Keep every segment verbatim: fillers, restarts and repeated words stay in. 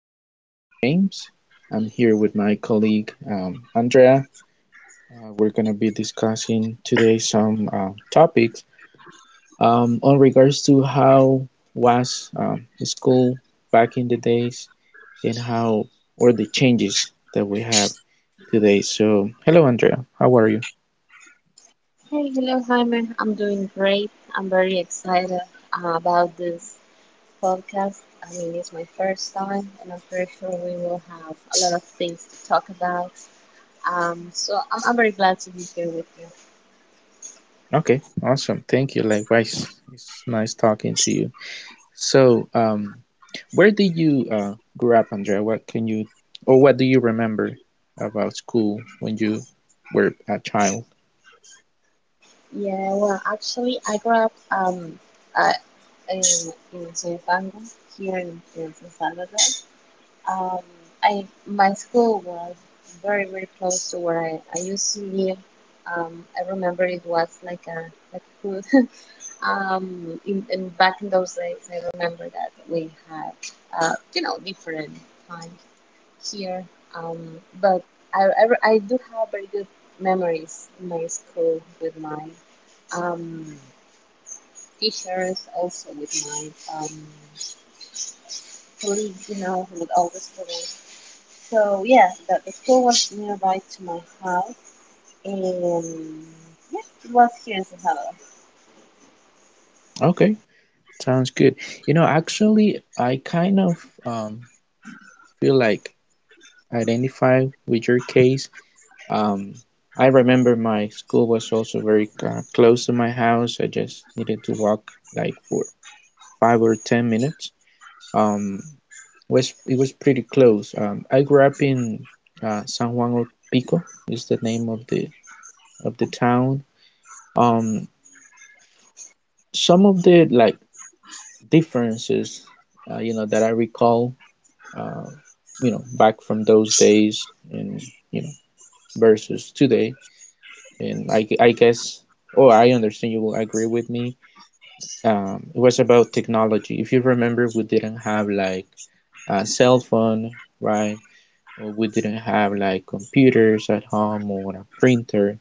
is uh, James. I'm here with my colleague um, Andrea. Uh, we're going to be discussing today some uh, topics um, on regards to how was um, school back in the days and how or the changes that we have today. So, hello, Andrea. How are you? Hey, hello, Jaime. I'm doing great. I'm very excited uh, about this podcast. I mean, it's my first time, and I'm pretty sure we will have a lot of things to talk about. Um, so I'm, I'm very glad to be here with you. Okay, awesome. Thank you. Likewise, it's nice talking to you. So, um, where did you uh, grow up, Andrea? What can you, or what do you remember about school when you were a child? Yeah, well, actually, I grew up um, uh, in, in Soyapango, here in, in San Salvador. Um, I, my school was very, very close to where I, I used to live. Um, I remember it was like a like food. Um, in, in Back in those days, I remember that we had, uh, you know, different times here. Um, but I, I, I do have very good memories in my school with my um, teachers, also with my um, colleagues, you know, with all the students. So yeah, the, the school was nearby to my house, and yeah, it was here in Salvador. Okay, sounds good. You know, actually, I kind of um, feel like identify with your case. Um, I remember my school was also very uh, close to my house. I just needed to walk like for five or ten minutes. Um, was It was pretty close. Um, I grew up in uh, San Juan of Pico is the name of the of the town. Um, some of the like differences, uh, you know, that I recall, uh, you know, back from those days and you know versus today, and I I guess oh I understand you will agree with me. Um, it was about technology. If you remember, we didn't have like a cell phone, right? Well, we didn't have like computers at home or a printer,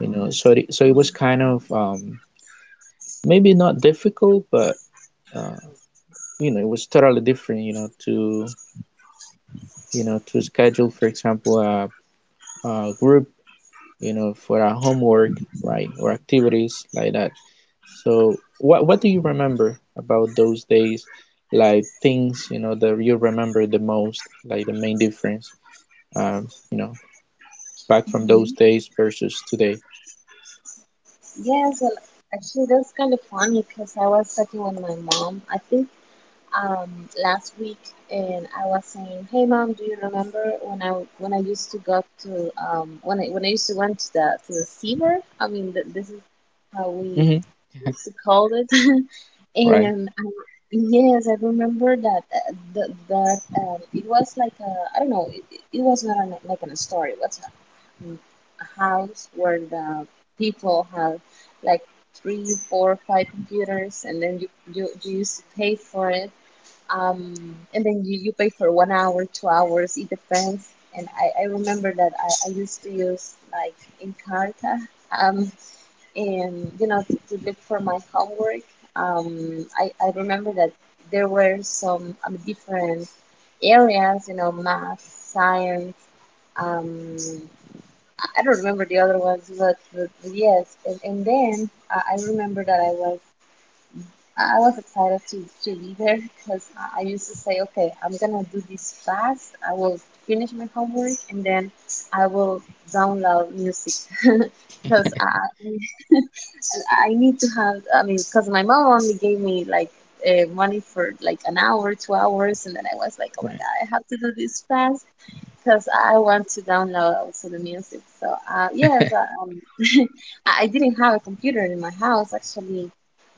you know. So it, so it was kind of um, maybe not difficult, but uh, you know, it was totally different, you know, to you know to schedule, for example, a, a group, you know, for our homework, right, or activities like that. So what what do you remember about those days? Like things, you know, that you remember the most, like the main difference, um, you know, back from those Mm-hmm. days versus today. Yes, well, actually, that's kind of funny because I was talking with my mom. I think um last week, and I was saying, "Hey, mom, do you remember when I when I used to go to um when I when I used to went to the to the seaver? I mean, th this is how we Mm-hmm. used to call it." Right, And I, yes, I remember that uh, the that um it was like a I don't know it, it was not an, like an story. What's mm, a house where the people have like three, four, five computers, and then you you, you used to pay for it. Um, and then you, you pay for one hour, two hours, it depends. And I, I remember that I, I used to use like Encarta um, and you know to, to look for my homework. Um, I, I remember that there were some um, different areas, you know, math, science, um, I don't remember the other ones, but, but yes. And, and then uh, I remember that I was I was excited to, to be there because I used to say, okay, I'm gonna do this fast. I will finish my homework and then I will download music because I I need to have. I mean, because my mom only gave me like uh, money for like an hour, two hours, and then I was like, oh my right, god, I have to do this fast because I want to download also the music. So uh, yes, I, um, I didn't have a computer in my house actually.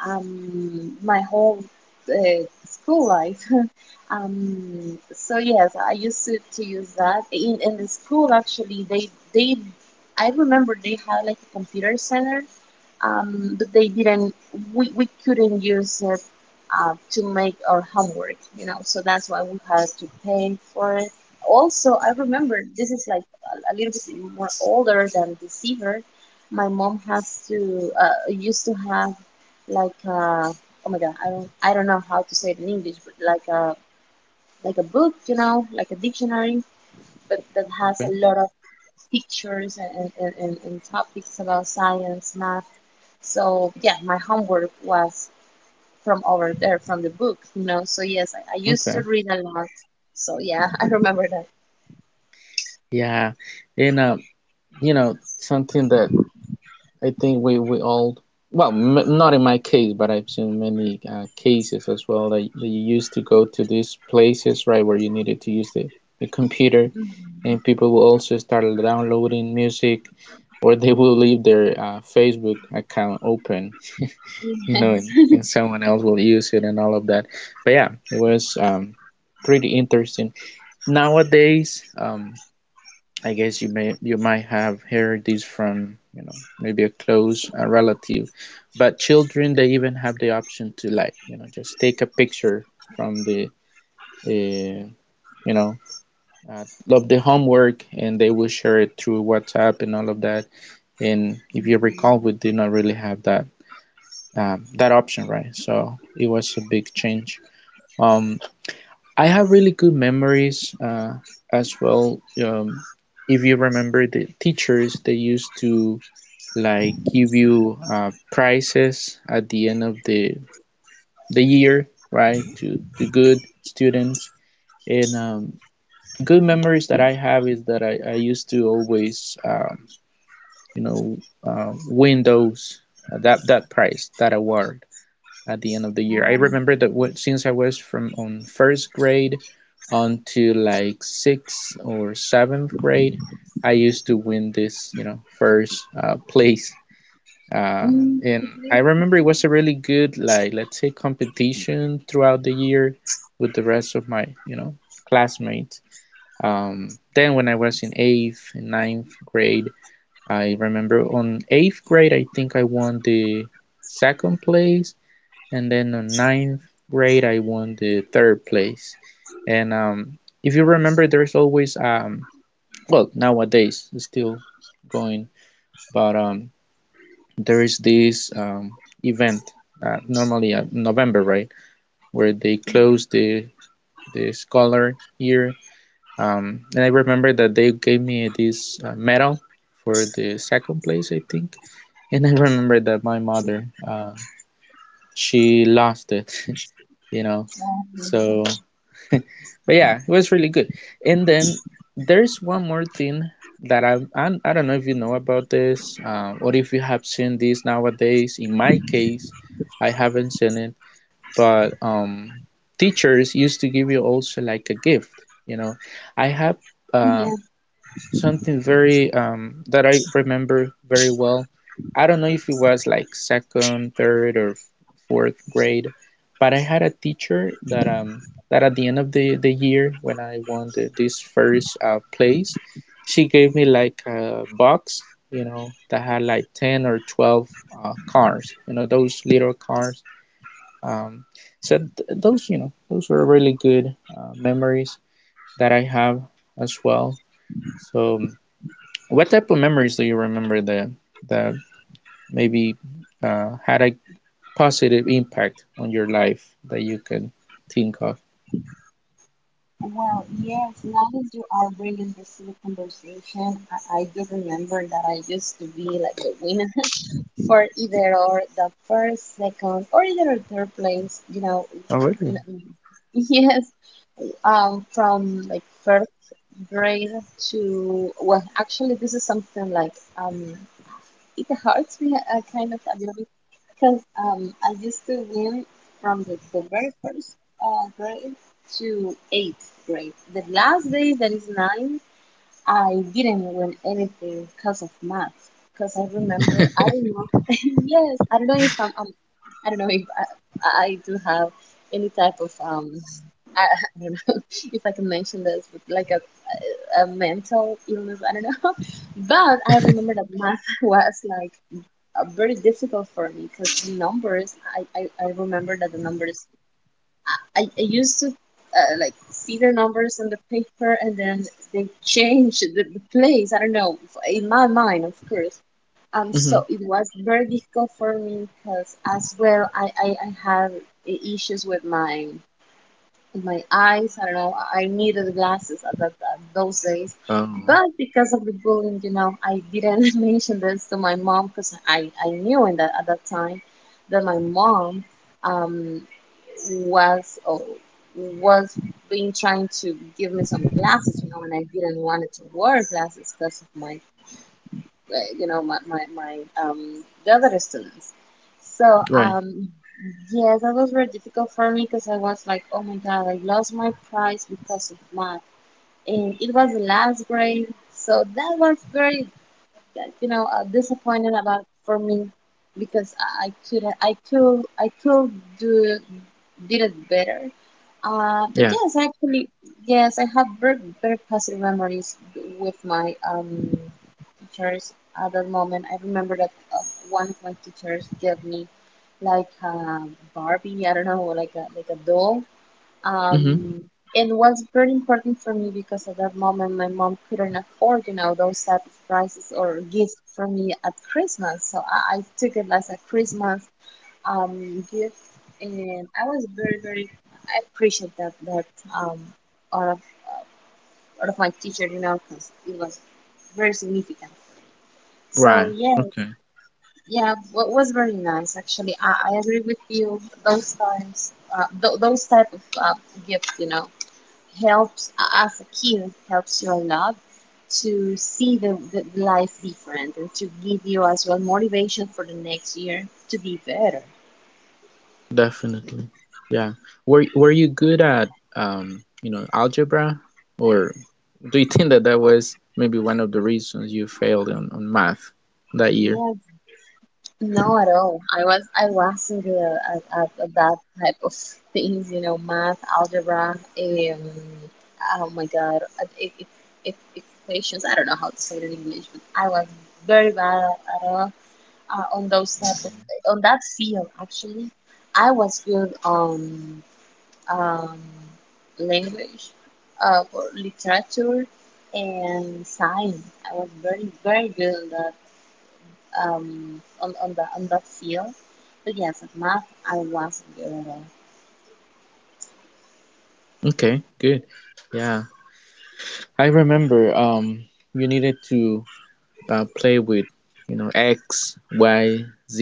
Um, my whole uh, school life. Um, so yes, I used to, to use that in in the school actually. They they I remember they had like a computer center, um, but they didn't, we, we couldn't use it uh, to make our homework, you know, so that's why we had to pay for it also. I right. remember this is like a little bit more older than deceiver. My mom has to, uh, used to have like uh oh my god, i don't i don't know how to say it in English, but like a like a book, you know, like a dictionary but that has Okay, a lot of pictures and, and, and, and topics about science, math. So yeah, my homework was from over there, from the book, you know. So yes, I, I used to okay. read a lot. So yeah, I remember that. Yeah, and uh, you know, something that I think we we all well, m not in my case, but I've seen many uh, cases as well that, that you used to go to these places, right, where you needed to use the, the computer, Mhm. and people will also start downloading music, or they will leave their uh, Facebook account open, you know, and, Yes. and someone else will use it and all of that. But yeah, it was um, pretty interesting. Nowadays, um, I guess you may you might have heard this from you know maybe a close uh, relative, but children they even have the option to like you know just take a picture from the uh, you know uh, of the homework and they will share it through WhatsApp and all of that. And if you Mhm. recall, we did not really have that um, that option, right? So it was a big change. Um, I have really good memories uh, as well. Um, if you remember the teachers, they used to like give you uh, prizes at the end of the the year, right? To the good students. And um, good memories that I have is that I, I used to always, um, you know, uh, win those uh, that that prize, that award at the end of the year. I Ah. remember that since I was from on first grade on to like sixth or seventh grade, I used to win this, you know, first uh, place. Uh, Mm. and I Exactly. remember it was a really good, like, let's say, competition throughout the year with the rest of my, you know, classmates. Um, then when I was in eighth and ninth grade, I remember on eighth grade, I think I won the second place and then on ninth grade I won the third place. And um, if you remember, there's always um, well nowadays it's still going, but um, there is this um, event uh, normally at November, right, where they close the the scholar year. Um, and I remember that they gave me this uh, medal for the second place, I think. And I remember that my mother, uh, she lost it, you know. So But yeah, it was really good. And then there's one more thing that I I, I don't know if you know about this um, or if you have seen this nowadays. In my case, I haven't seen it, but um, teachers used to give you also like a gift. You know, I have. Uh, Yes. something very um that I remember very well. I don't know if it was like second, third, or fourth grade, but I had a teacher that um that at the end of the the year when I won the, this first uh, place, she gave me like a box, you know, that had like ten or twelve uh, cars, you know, those little cars. Um, so th- those, you know, those were really good uh, memories that I have as well. So um, what type of memories do you remember that that maybe uh, had a positive impact on your life that you can think of? Well, yes, now that you are bringing this to the conversation, I, I do remember that I used to be like the winner for either or the first, second, or either or third place, you know. Oh, really? n- Yes, um from like first grade to, well, actually this is something like, um it hurts me uh, kind of a little bit because um I used to win from the, the very first uh, grade to eighth grade. The last day that is nine, I didn't win anything because of math. Because I remember, I don't know. Yes, I don't know if I'm. Um, I don't know if I, I do have any type of um I, I don't know if I can mention this, but like a, a mental illness, I don't know. But I remember that math was like uh, very difficult for me because the numbers, I, I, I remember that the numbers, I, I used to uh, like see the numbers on the paper and then they change the, the place. I don't know, in my mind, of course. Um, Mm-hmm. So it was very difficult for me because as well I, I, I had i- issues with my my eyes. I don't know. I needed glasses at, that, at those days, Um, but because of the bullying, you know, I didn't mention this to my mom because I I knew in that at that time that my mom um was, oh, was being trying to give me some glasses, you know, and I didn't want to wear glasses because of my, uh, you know, my my my um the other students. So right. um yes, that was very difficult for me because I was like, oh my God, I lost my prize because of math. And it was the last grade. So that was very, uh, you know, uh, disappointing about for me because I I could, I could, I could do, did it better. Uh, but Yeah. yes, actually, yes, I have very, very positive memories with my, um, teachers at that moment. I remember that uh, one of my teachers gave me like a Barbie, I don't know, like a like a doll. Um, Mm-hmm. and it was very important for me because at that moment my mom couldn't afford, you know, those type of prizes or gifts for me at Christmas. So I, I took it as a Christmas um gift, and I was very, very, I appreciate that that um out of out of my teacher, you know, because it was very significant. So Right. yeah, Okay. yeah, what was very nice actually. I, I agree with you. Those times, uh, th- those type of uh, gifts, you know, helps as a kid, helps you a lot to see the, the the life different and to give you as well motivation for the next year to be better. Definitely. Yeah. Were Were you good at um, you know, algebra, or do you think that that was maybe one of the reasons you failed on, on math that year? Yeah, no, at all. I was I wasn't good at, at, at that type of things, you know, math, algebra, um, oh my God, at- e- e- e- equations. I don't know how to say it in English, but I was very bad at, all, uh, on those type of Okay. on that field. Actually, I was good on um, language, uh, or literature, and science. I was very, very good on that um, on, on, the, on that field. But yes, at math, I wasn't good at all. Okay. Good. Yeah. I remember um, you needed to uh, play with you know x y z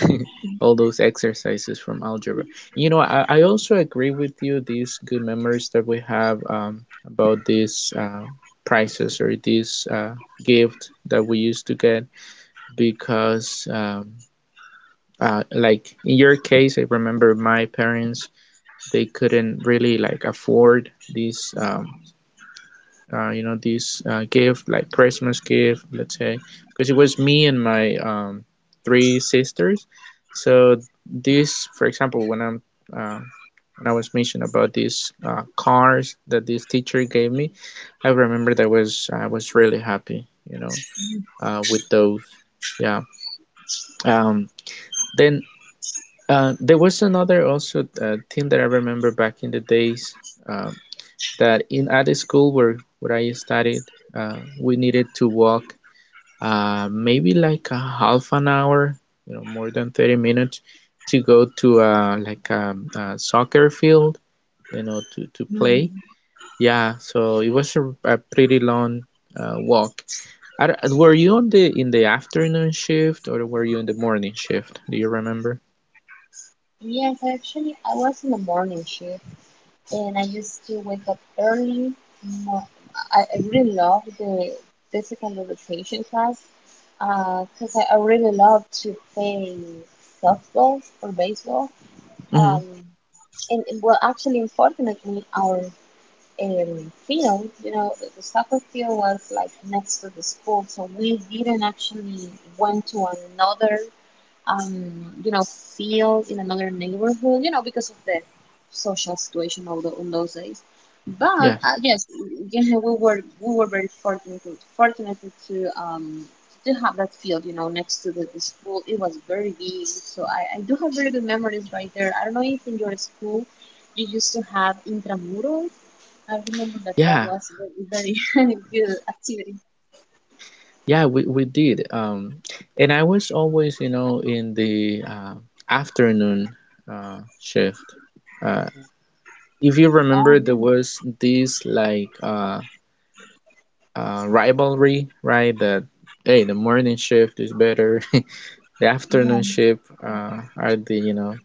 all those exercises from algebra. You know i, I also agree with you these good memories that we have um, about these uh, prizes or this uh, gift that we used to get, because um, uh, like in your case, I remember my parents, they couldn't really like afford these um, uh, you know this uh, gift, like Christmas gift, let's say, because it was me and my um, three sisters. So this, for example, when i'm uh, when i was mentioning about these uh, cars that this teacher gave me, I remember that was I was really happy, you know uh, with those. Yeah. um, then uh, there was another also uh, thing that I remember back in the days uh, that in at the school where where I studied, uh, we needed to walk uh, maybe like a half an hour, you know, more than thirty minutes to go to uh, like um, a soccer field, you know, to, to play. Mhm. Yeah, so it was a, a pretty long uh, walk. Are- were you on the in the afternoon shift or were you in the morning shift? Do you remember? Yes, actually, I was in the morning shift, and I used to wake up early. Mo- I, I really loved the physical education class because I, I really loved to play softball or baseball. Mm-hmm. Um, and, and well, actually, unfortunately, our um, field, you know, the, the soccer field was like next to the school, so we didn't actually went to another, um, you know, field in another neighborhood, you know, because of the social situation of the, on those days. But Yeah. uh, yes, yeah, we were we were very fortunate fortunate to um to have that field, you know, next to the, the school. It was very big, so I, I do have very good memories right there. I don't know if in your school you used to have intramural. I remember that that Yeah. was very, very good activity. Yeah, we, we did. Um, and I was always, you know, in the uh, afternoon uh, shift. Uh, if you Oh, remember, there yeah. was this like uh, uh, rivalry, right? That hey, the morning shift is better. The afternoon Yeah. shift uh, are the, you know,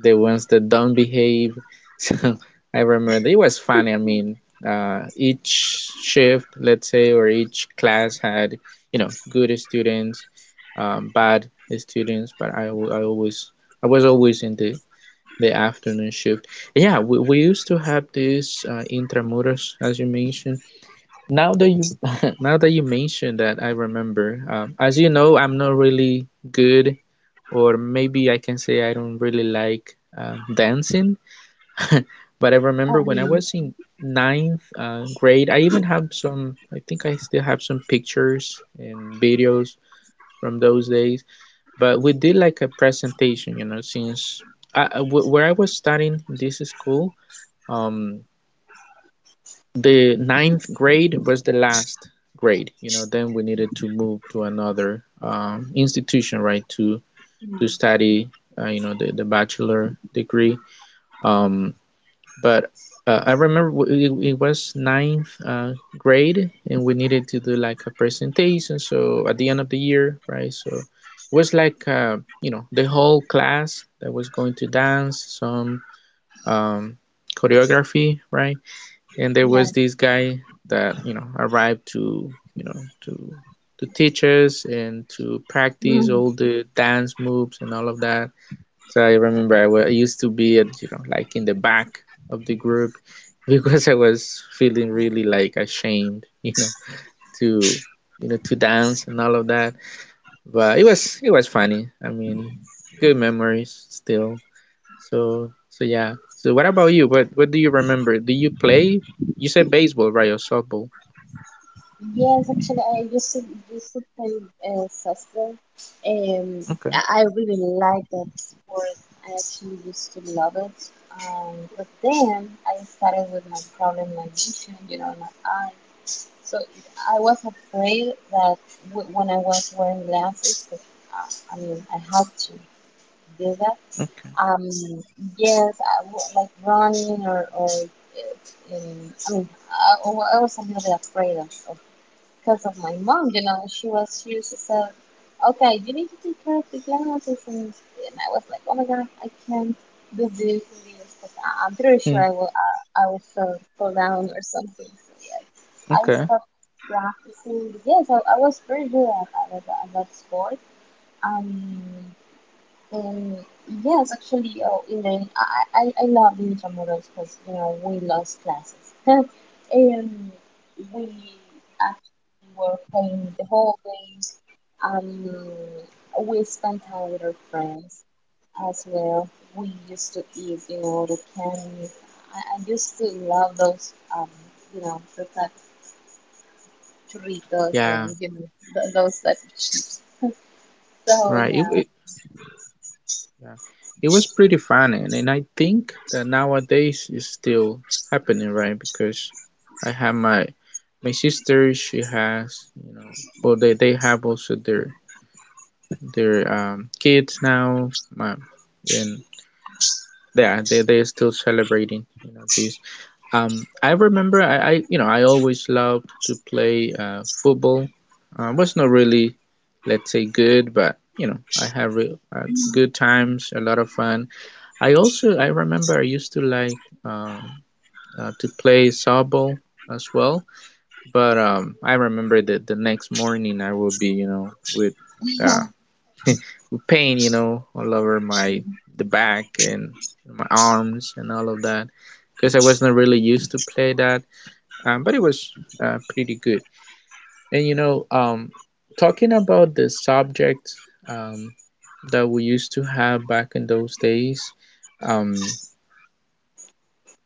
the ones that don't behave. So I remember it was funny. I mean, uh, each shift, let's say, or each class had, you know, good students, um, bad students, but I, al- I always, I was always in the, the afternoon shift. And yeah, we, we used to have these uh, intramurals, as you mentioned. Now that you, now that you mentioned that, I remember. Um, as you know, I'm not really good, or maybe I can say I don't really like um, dancing. But I Oh, remember when I really? was in ninth uh, grade, I even have some, I think I still have some pictures and videos from those days. But we did like a presentation, you know, since I, where I was studying this school, um, the ninth grade was the last grade, you know, then we needed to move to another um, institution, right, to to Mm. study, uh, you know, the, the bachelor degree. Um, but uh, I remember it, it was ninth uh, grade, and we needed to do like a presentation. So at the end of the year, right? So it was like uh, you know the whole class that was going to dance some um, choreography, right? And there Yeah. was this guy that you know arrived to you know to to teach us and to practice Mm. all the dance moves and all of that. So I remember I, wa- I used to be at, you know, like in the back of the group because I was feeling really like ashamed, you know, to you know to dance and all of that. But it was it was funny. I mean, good memories still. So so yeah. So what about you? What what do you remember? Do you play? You said baseball, right, or softball? Yes, actually, I used to, used to play uh, softball. Um, Okay, I I really like that sport. I actually used to love it. Um, but then I started with my problem, my vision, you know, my eye. So I was afraid that w- when I was wearing glasses, 'cause, uh, I mean, I had to do that. okay. Um, yes, I w- like running, or, or uh, in, I mean, I, I wa- I was a little bit afraid of, of because of my mom, you know, she was, she used to say, okay, you need to take care of the glasses. And, and I was like, oh my God, I can't do this and this because I'm pretty sure Hmm, I will, I, I will fall, fall down or something. So yeah, I okay. stopped practicing. Yes, I, I was very good at, at, at that sport. Um, um, yes, actually, oh, Elaine, I, I, I I love the intramurals because, you know, we lost classes. And we actually were playing the whole day. Um, we spent time with our friends as well. We used to eat, you know, the candy. I, I used to love those, um, you know, the type of churritos and, Yeah, you know, th- those type of chips. So, right. It, yeah. it, Yeah. It was pretty fun, and, and I think that nowadays is still happening, right? Because I have my my sister, she has, you know, well they, they have also their their um kids now, my, and yeah, they they are still celebrating, you know, this. Um, I remember I, I you know I always loved to play uh football. Uh, was not really, let's say, good, but you know I have re- uh, good times, a lot of fun. I also I remember I used to like um, uh, to play softball as well, but um, I remember that the next morning I would be, you know, with uh, with pain, you know, all over my the back and my arms and all of that because I wasn't really used to play that, um, but it was uh, pretty good. And you know, um, talking about the subject um, that we used to have back in those days. Um,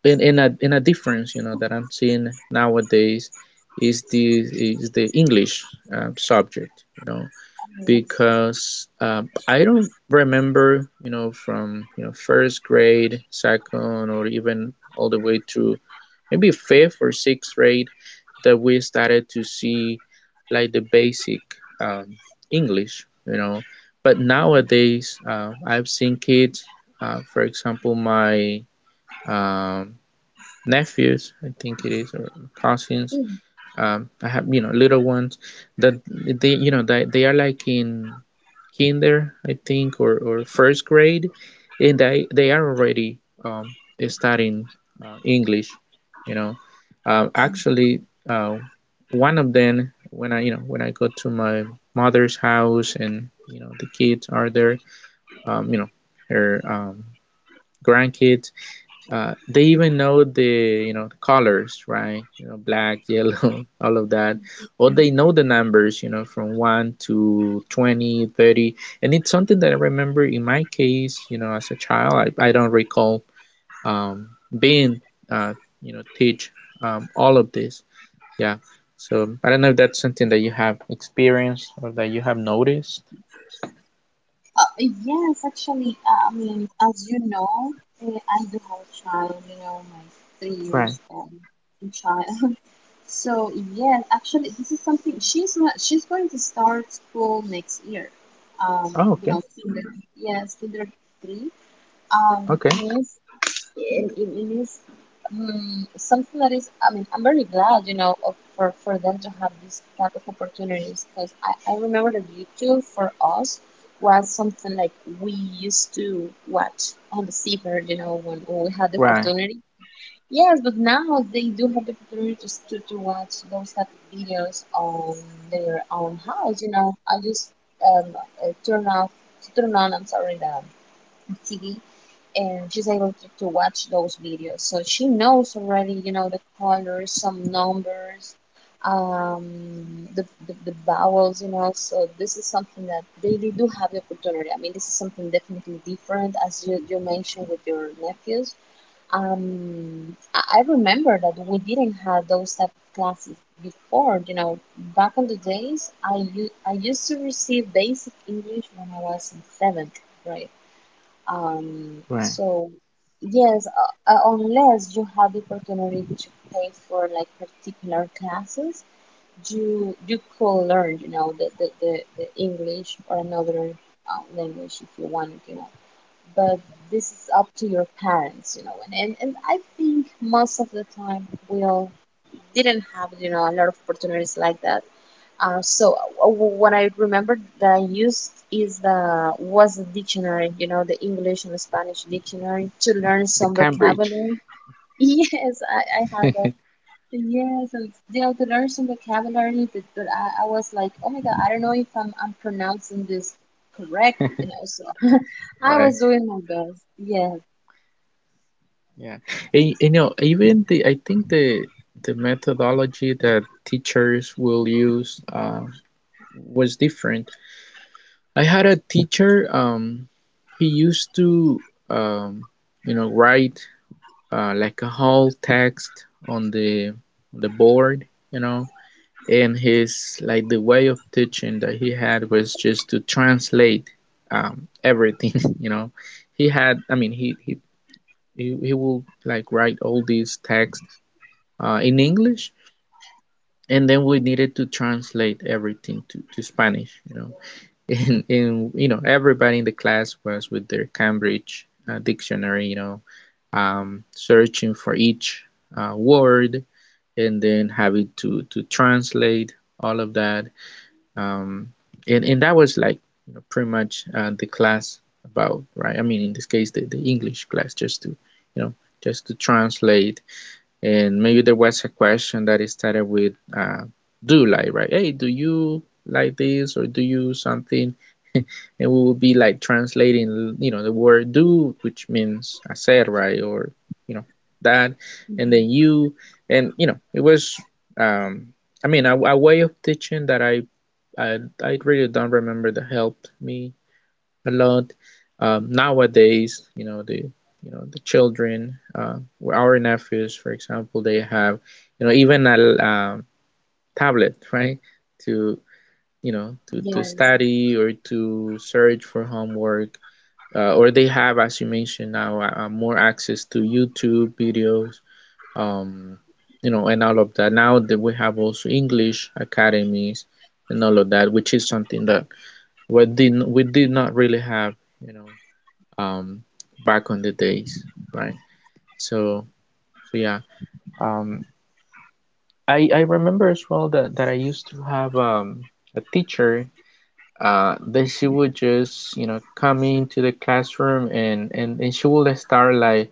In in a, in a difference, you know, that I'm seeing nowadays is the is the English um, subject, you know, Um, because um, I don't remember, you know, from, you know, first grade, second, or even all the way through maybe fifth or sixth grade that we started to see like the basic um, English, you know. But nowadays uh, I've seen kids, uh, for example my um, nephews, I think it is, or cousins. um, I have, you know, little ones that they, you know, they, they are like in kinder, I think, or, or first grade, and they, they are already um, studying uh, English, you know. Um, actually, uh, one of them, when I, you know, when I go to my mother's house and, you know, the kids are there, um, you know, her um, grandkids, uh, they even know the, you know, the colors, right? You know, black, yellow, all of that. Or they know the numbers, you know, from one to twenty thirty. And it's something that I remember in my case, you know, as a child. I, I don't recall um, being, uh, you know, teach um, all of this. Yeah. So I don't know if that's something that you have experienced or that you have noticed. Uh, yes, actually, uh, I mean, as you know, eh, I do have a child, you know, my three Right. years old child. So yes, actually, this is something she's not, she's going to start school next year. Um, Oh, you okay. know, kinder, yes, kinder three. Um, Okay. and it is, it, it is mm, something that is, I mean, I'm very glad, you know, of, for, for them to have these type of opportunities because I, I remember that YouTube for us was something like we used to watch on the seabird, you know, when, when we had the Right. opportunity. Yes, but now they do have the opportunity to, s- to, to watch those type of videos on their own house. You know, I just um, uh, turn off, turn on, I'm sorry, the T V and she's able to, to watch those videos. So she knows already, you know, the colors, some numbers, um, the, the, the vowels, you know. So this is something that they, they do have the opportunity. I mean, this is something definitely different, as you, you mentioned with your nephews. Um, I I remember that we didn't have those type of classes before. You know, back on the days, I u- I used to receive basic English when I was in seventh grade, um, Right. so yes, uh, uh, unless you have the opportunity to pay for like particular classes, you you could learn, you know, the the, the, the English or another uh, language if you wanted, you know. But this is up to your parents, you know, and, and, and I think most of the time we'll didn't have, you know, a lot of opportunities like that, uh, so, uh, what I remember that I used is the was the dictionary, you know, the English and Spanish dictionary to learn The some Cambridge. vocabulary. Yes, I, I had that. Yes, and you know, to learn some vocabulary, but, but I, I was like, oh my God, I don't know if I'm I'm pronouncing this correct, you know. So I Right. was doing my best. Yes, Yeah. And, you know, even the I think the the methodology that teachers will use uh, was different. I had a teacher. Um, he used to, um, you know, write uh, like a whole text on the the board, you know, and his like the way of teaching that he had was just to translate um, everything, you know. He had, I mean, he he he, he will like write all these text uh, in English, and then we needed to translate everything to, to Spanish, you know. And, and you know, everybody in the class was with their Cambridge uh, dictionary, you know, um, searching for each uh, word and then having to to translate all of that. Um, and and that was like, you know, pretty much uh, the class about, right? I mean, in this case, the, the English class, just to, you know, just to translate. And maybe there was a question that it started with uh, do, like, right? Hey, do you like this or do you something? And we would be like translating, you know, the word do, which means hacer, right? Or, you know, that. And then mhm, you, and, you know, it was, um, I mean, a, a way of teaching that I, I, I really don't remember that helped me a lot. Um, nowadays, you know the you know the children, uh, our nephews, for example, they have, you know, even a um, tablet, right? To, you know, to to yes. study or to search for homework, uh, or they have, as you mentioned now, uh, more access to YouTube videos. Um, you know, and all of that. Now that we have also English academies and all of that, which is something that we did we did not really have, you know, um back on the days, right? So so yeah. um i i remember as well that that I used to have um a teacher uh that she would just, you know, come into the classroom, and and, and she would start like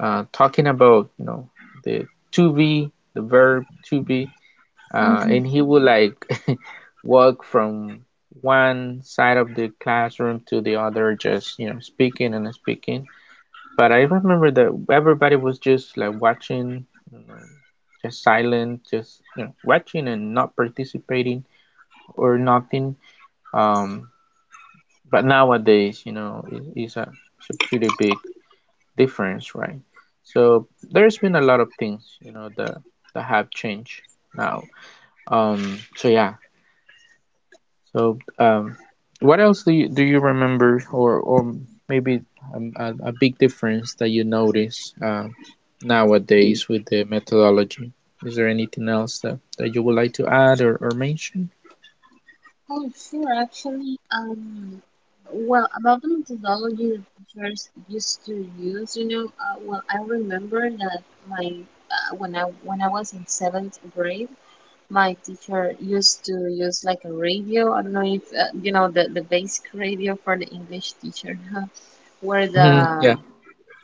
uh talking about, you know, the to be the verb to be, uh and Mm-hmm. he would like walk from one side of the classroom to the other, just, you know, speaking and speaking. But I remember that everybody was just like watching, you know, just silent, just, you know, watching and not participating or nothing. Um, but nowadays, you know, it, it's a it's a pretty big difference, right? So there's been a lot of things, you know, that that have changed now. Um, so yeah. So, um, what else do you do you remember, or or maybe um, a, a big difference that you notice uh, nowadays with the methodology? Is there anything else that, that you would like to add or, or mention? Oh, sure. Actually, um, well, about the methodology that teachers used to use, you know, uh, well, I remember that my uh, when I when I was in seventh grade, my teacher used to use like a radio. I don't know if uh, you know the the basic radio for the English teacher. Where the Hmm. Yeah.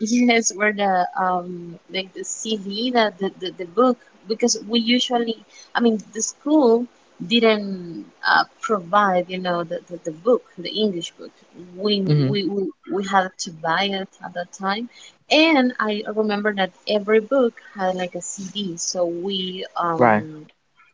Yes, or the um like the C D, the, the the the book, because we usually, I mean, the school didn't uh, provide, you know, the, the the book, the English book. We Hmm. we we we had to buy it at that time, and I remember that every book had like a C D, so we Right. um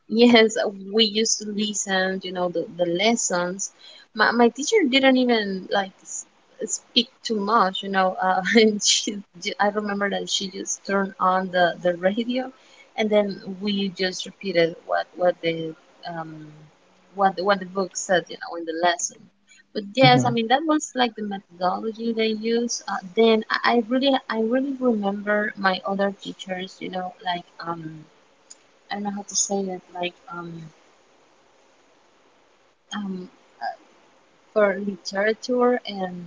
Yes, we used to listen, you know, the, the lessons. My, my teacher didn't even like s- speak too much, you know. Uh, and she, ju- I remember that she just turned on the, the radio, and then we just repeated what what the um what the- what the book said, you know, in the lesson. But yes, I Hmm. mean that was like the methodology they use. Uh, then I I really I really remember my other teachers, you know, like um I don't know how to say that, like um um for literature and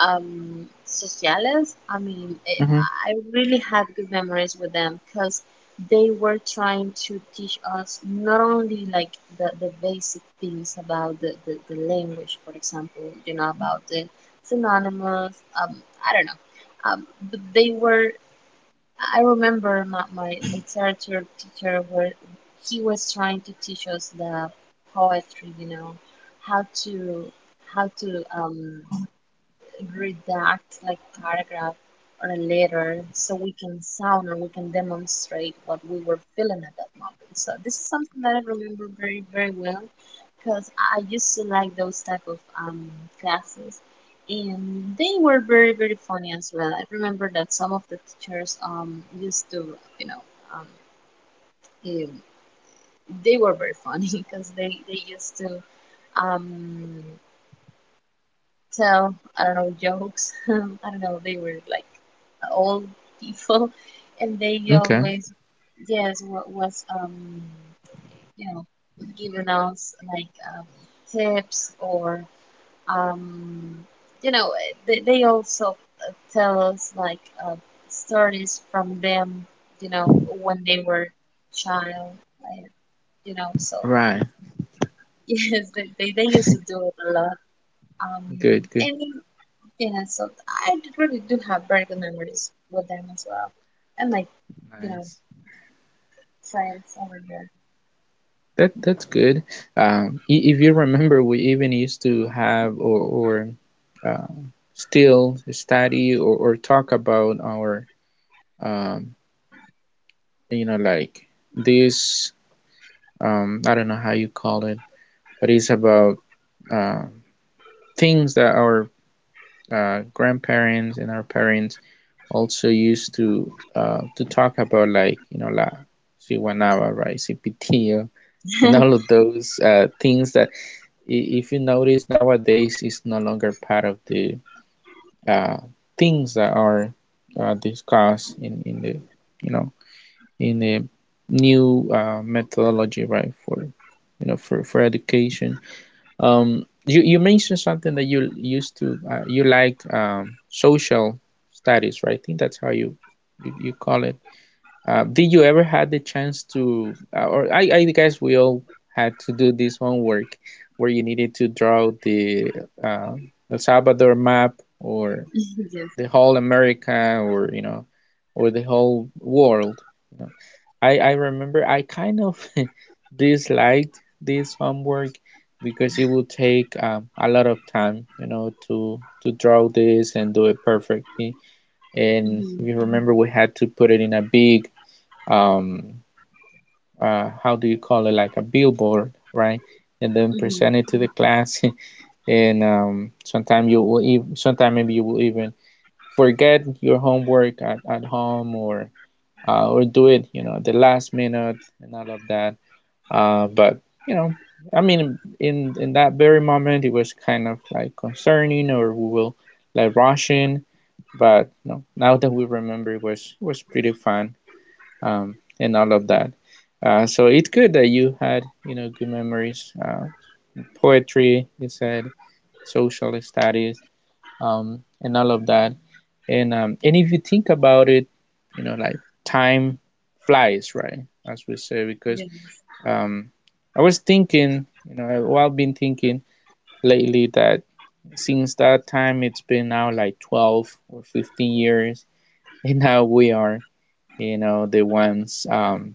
um sociales. I mean, eh, Hmm. I really had good memories with them because they were trying to teach us not only like the, the basic things about the, the, the language, for example, you know, about the synonymous, um, I don't know, um, but they were I remember my, my literature teacher where he was trying to teach us the poetry, you know, how to how to um redact like paragraph or a letter so we can sound or we can demonstrate what we were feeling at that moment. So this is something that I remember very, very well because I used to like those type of um, classes and they were very, very funny as well. I remember that some of the teachers um, used to, you know, um, eh, they were very funny because they, they used to um, tell, I don't know, jokes. I don't know. They were like old people, and they Okay. always yes wa- was um you know giving us like um, tips or um you know they they also uh, tell us like uh, stories from them you know when they were child like, you know so Right. yes they, they they used to do it a lot, um Good. Good. and it, yeah, so I d- really do have very good memories with them as well. And like, you know, Nice. friends over That that's good. Um, i- if you remember, we even used to have or or uh, still study or, or talk about our um, you know, like this, um, I don't know how you call it, but it's about uh, things that our uh, grandparents and our parents also used to, uh, to talk about, like, you know, la si guanaba, right, cipitio and there. all of those uh, things that i- if you notice nowadays is no longer part of the uh, things that are uh, discussed in, in the, you know, in a new uh, methodology, right? For, you know, for for education. Um, you you mentioned something that you used to, uh, you liked um, social studies, right? I think that's how you you, you call it. Uh, did you ever had the chance to, uh, or I, I guess we all had to do this homework where you needed to draw the uh, El Salvador map or Yes. the whole America or, you know, or the whole world. You know, I I remember I kind of disliked this homework because it would take um, a lot of time, you know, to to draw this and do it perfectly. And Mm-hmm. if you remember, we had to put it in a big um uh how do you call it, like a billboard, right? And then Mm-hmm. present it to the class. And um, sometimes you will even sometimes maybe you will even forget your homework at, at home or uh, or do it, you know, at the last minute and all of that, uh, but, you know, I mean, in in that very moment it was kind of like concerning or we will like rushing, but, you know, now that we remember, it was it was pretty fun, um, and all of that, uh, so it's good that you had, you know, good memories. Uh, poetry, you said, social studies, um, and all of that. And um, and if you think about it, you know, like time flies, right? As we say, because Yes. um, I was thinking, you know, well, I've been thinking lately that since that time, it's been now like twelve or fifteen years, and now we are, you know, the ones, um,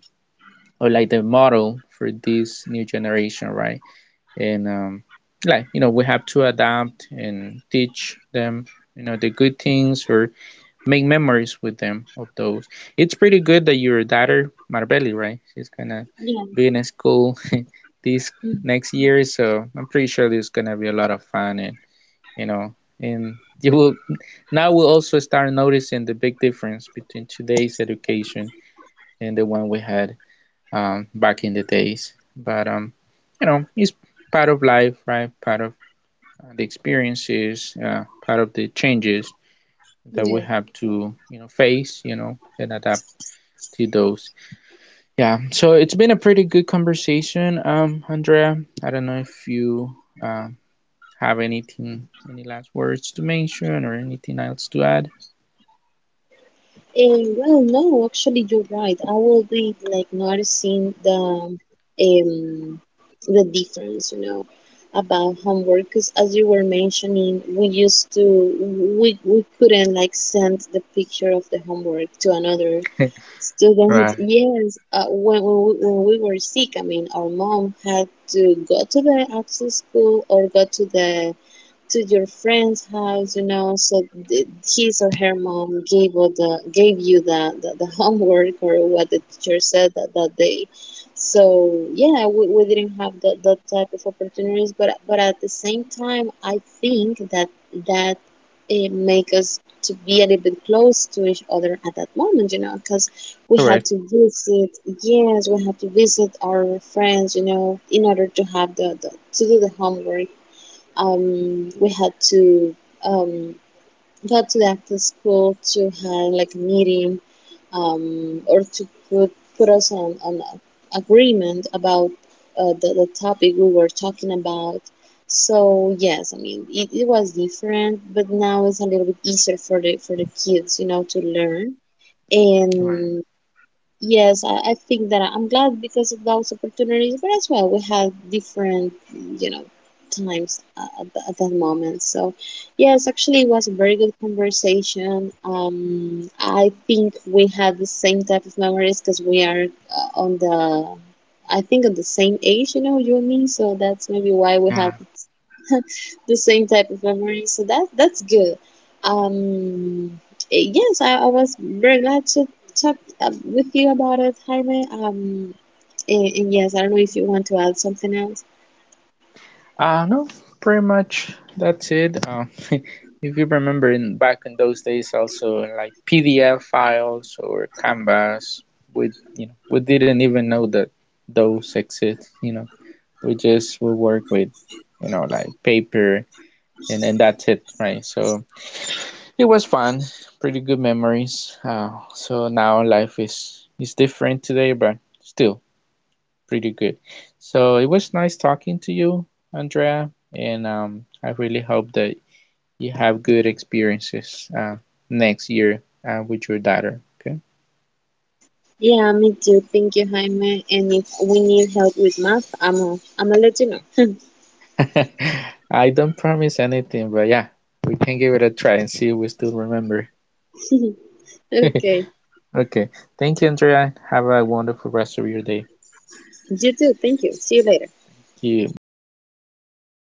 or like the model for this new generation, right? And um, like, you know, we have to adapt and teach them, you know, the good things or make memories with them of those. It's pretty good that your daughter Marbelli, right? She's gonna Yeah. be in a school this Mm. next year, so I'm pretty sure there's gonna be a lot of fun. And, you know, and you will now we'll also start noticing the big difference between today's education and the one we had, um, back in the days. But um, you know, it's part of life, right? Part of, uh, the experiences, uh, part of the changes that we Yeah. have to, you know, face, you know, and adapt to those. Yeah. So it's been a pretty good conversation, um Andrea. I don't know if you um have anything, any last words to mention or anything else to add. Eh, well, no, actually, you're right. I will be like noticing the um the difference, you know, about homework. Because as you were mentioning, we used to we we couldn't like send the picture of the homework to another students, Right. yes, uh, when, when, we, when we were sick, I mean, our mom had to go to the after school or go to the to your friend's house, you know, so th- his or her mom gave you the gave you the, the, the homework or what the teacher said that, that day. So yeah, we, we didn't have that, that type of opportunities, but but at the same time, I think that that it make us to be a little bit close to each other at that moment, you know, because we had Correct. to visit, yes, we had to visit our friends you know in order to have the, the to do the homework, um we had to um go had to the after school to have like a meeting, um or to put put us on an agreement about uh, the, the topic we were talking about. So yes, I mean it, it was different, but now it's a little bit easier for the for the kids you know to learn. Right. And yes, I, I think that I- I'm glad because of those opportunities, but as well, we had different, you know, times, uh, at, the, at that moment. So, yes, actually, it was a very good conversation. Um, I think we had the same type of memories because we are, uh, on the, I think, on the same age, you know, you and me. So that's maybe why we had Yeah. the same type of memory. So that that's good. Um, eh, yes, I, I was very glad to talk uh, with you about it, Jaime. Um, and, and yes, I don't know if you want to add something else. Uh no, pretty much that's it. Um if you remember, in back in those days, also like P D F files or Canvas, we, you know, we didn't even know that those exist. You know, we just will work with, you know, like paper, and and that's it, right? So it was fun, pretty good memories. Uh, so now life is is different today, but still pretty good. So it was nice talking to you, Andrea. And um, I really hope that you have good experiences, uh, next year, uh, with your daughter. Yeah, me too. Thank you, Jaime. And if we need help with math, I'm i I'm gonna let you know. Okay. I don't promise anything, but yeah, we can give it a try and see if we still remember. Okay. Okay. Thank you, Andrea. Have a wonderful rest of your day. You too. Thank you. See you later. See you. Bye.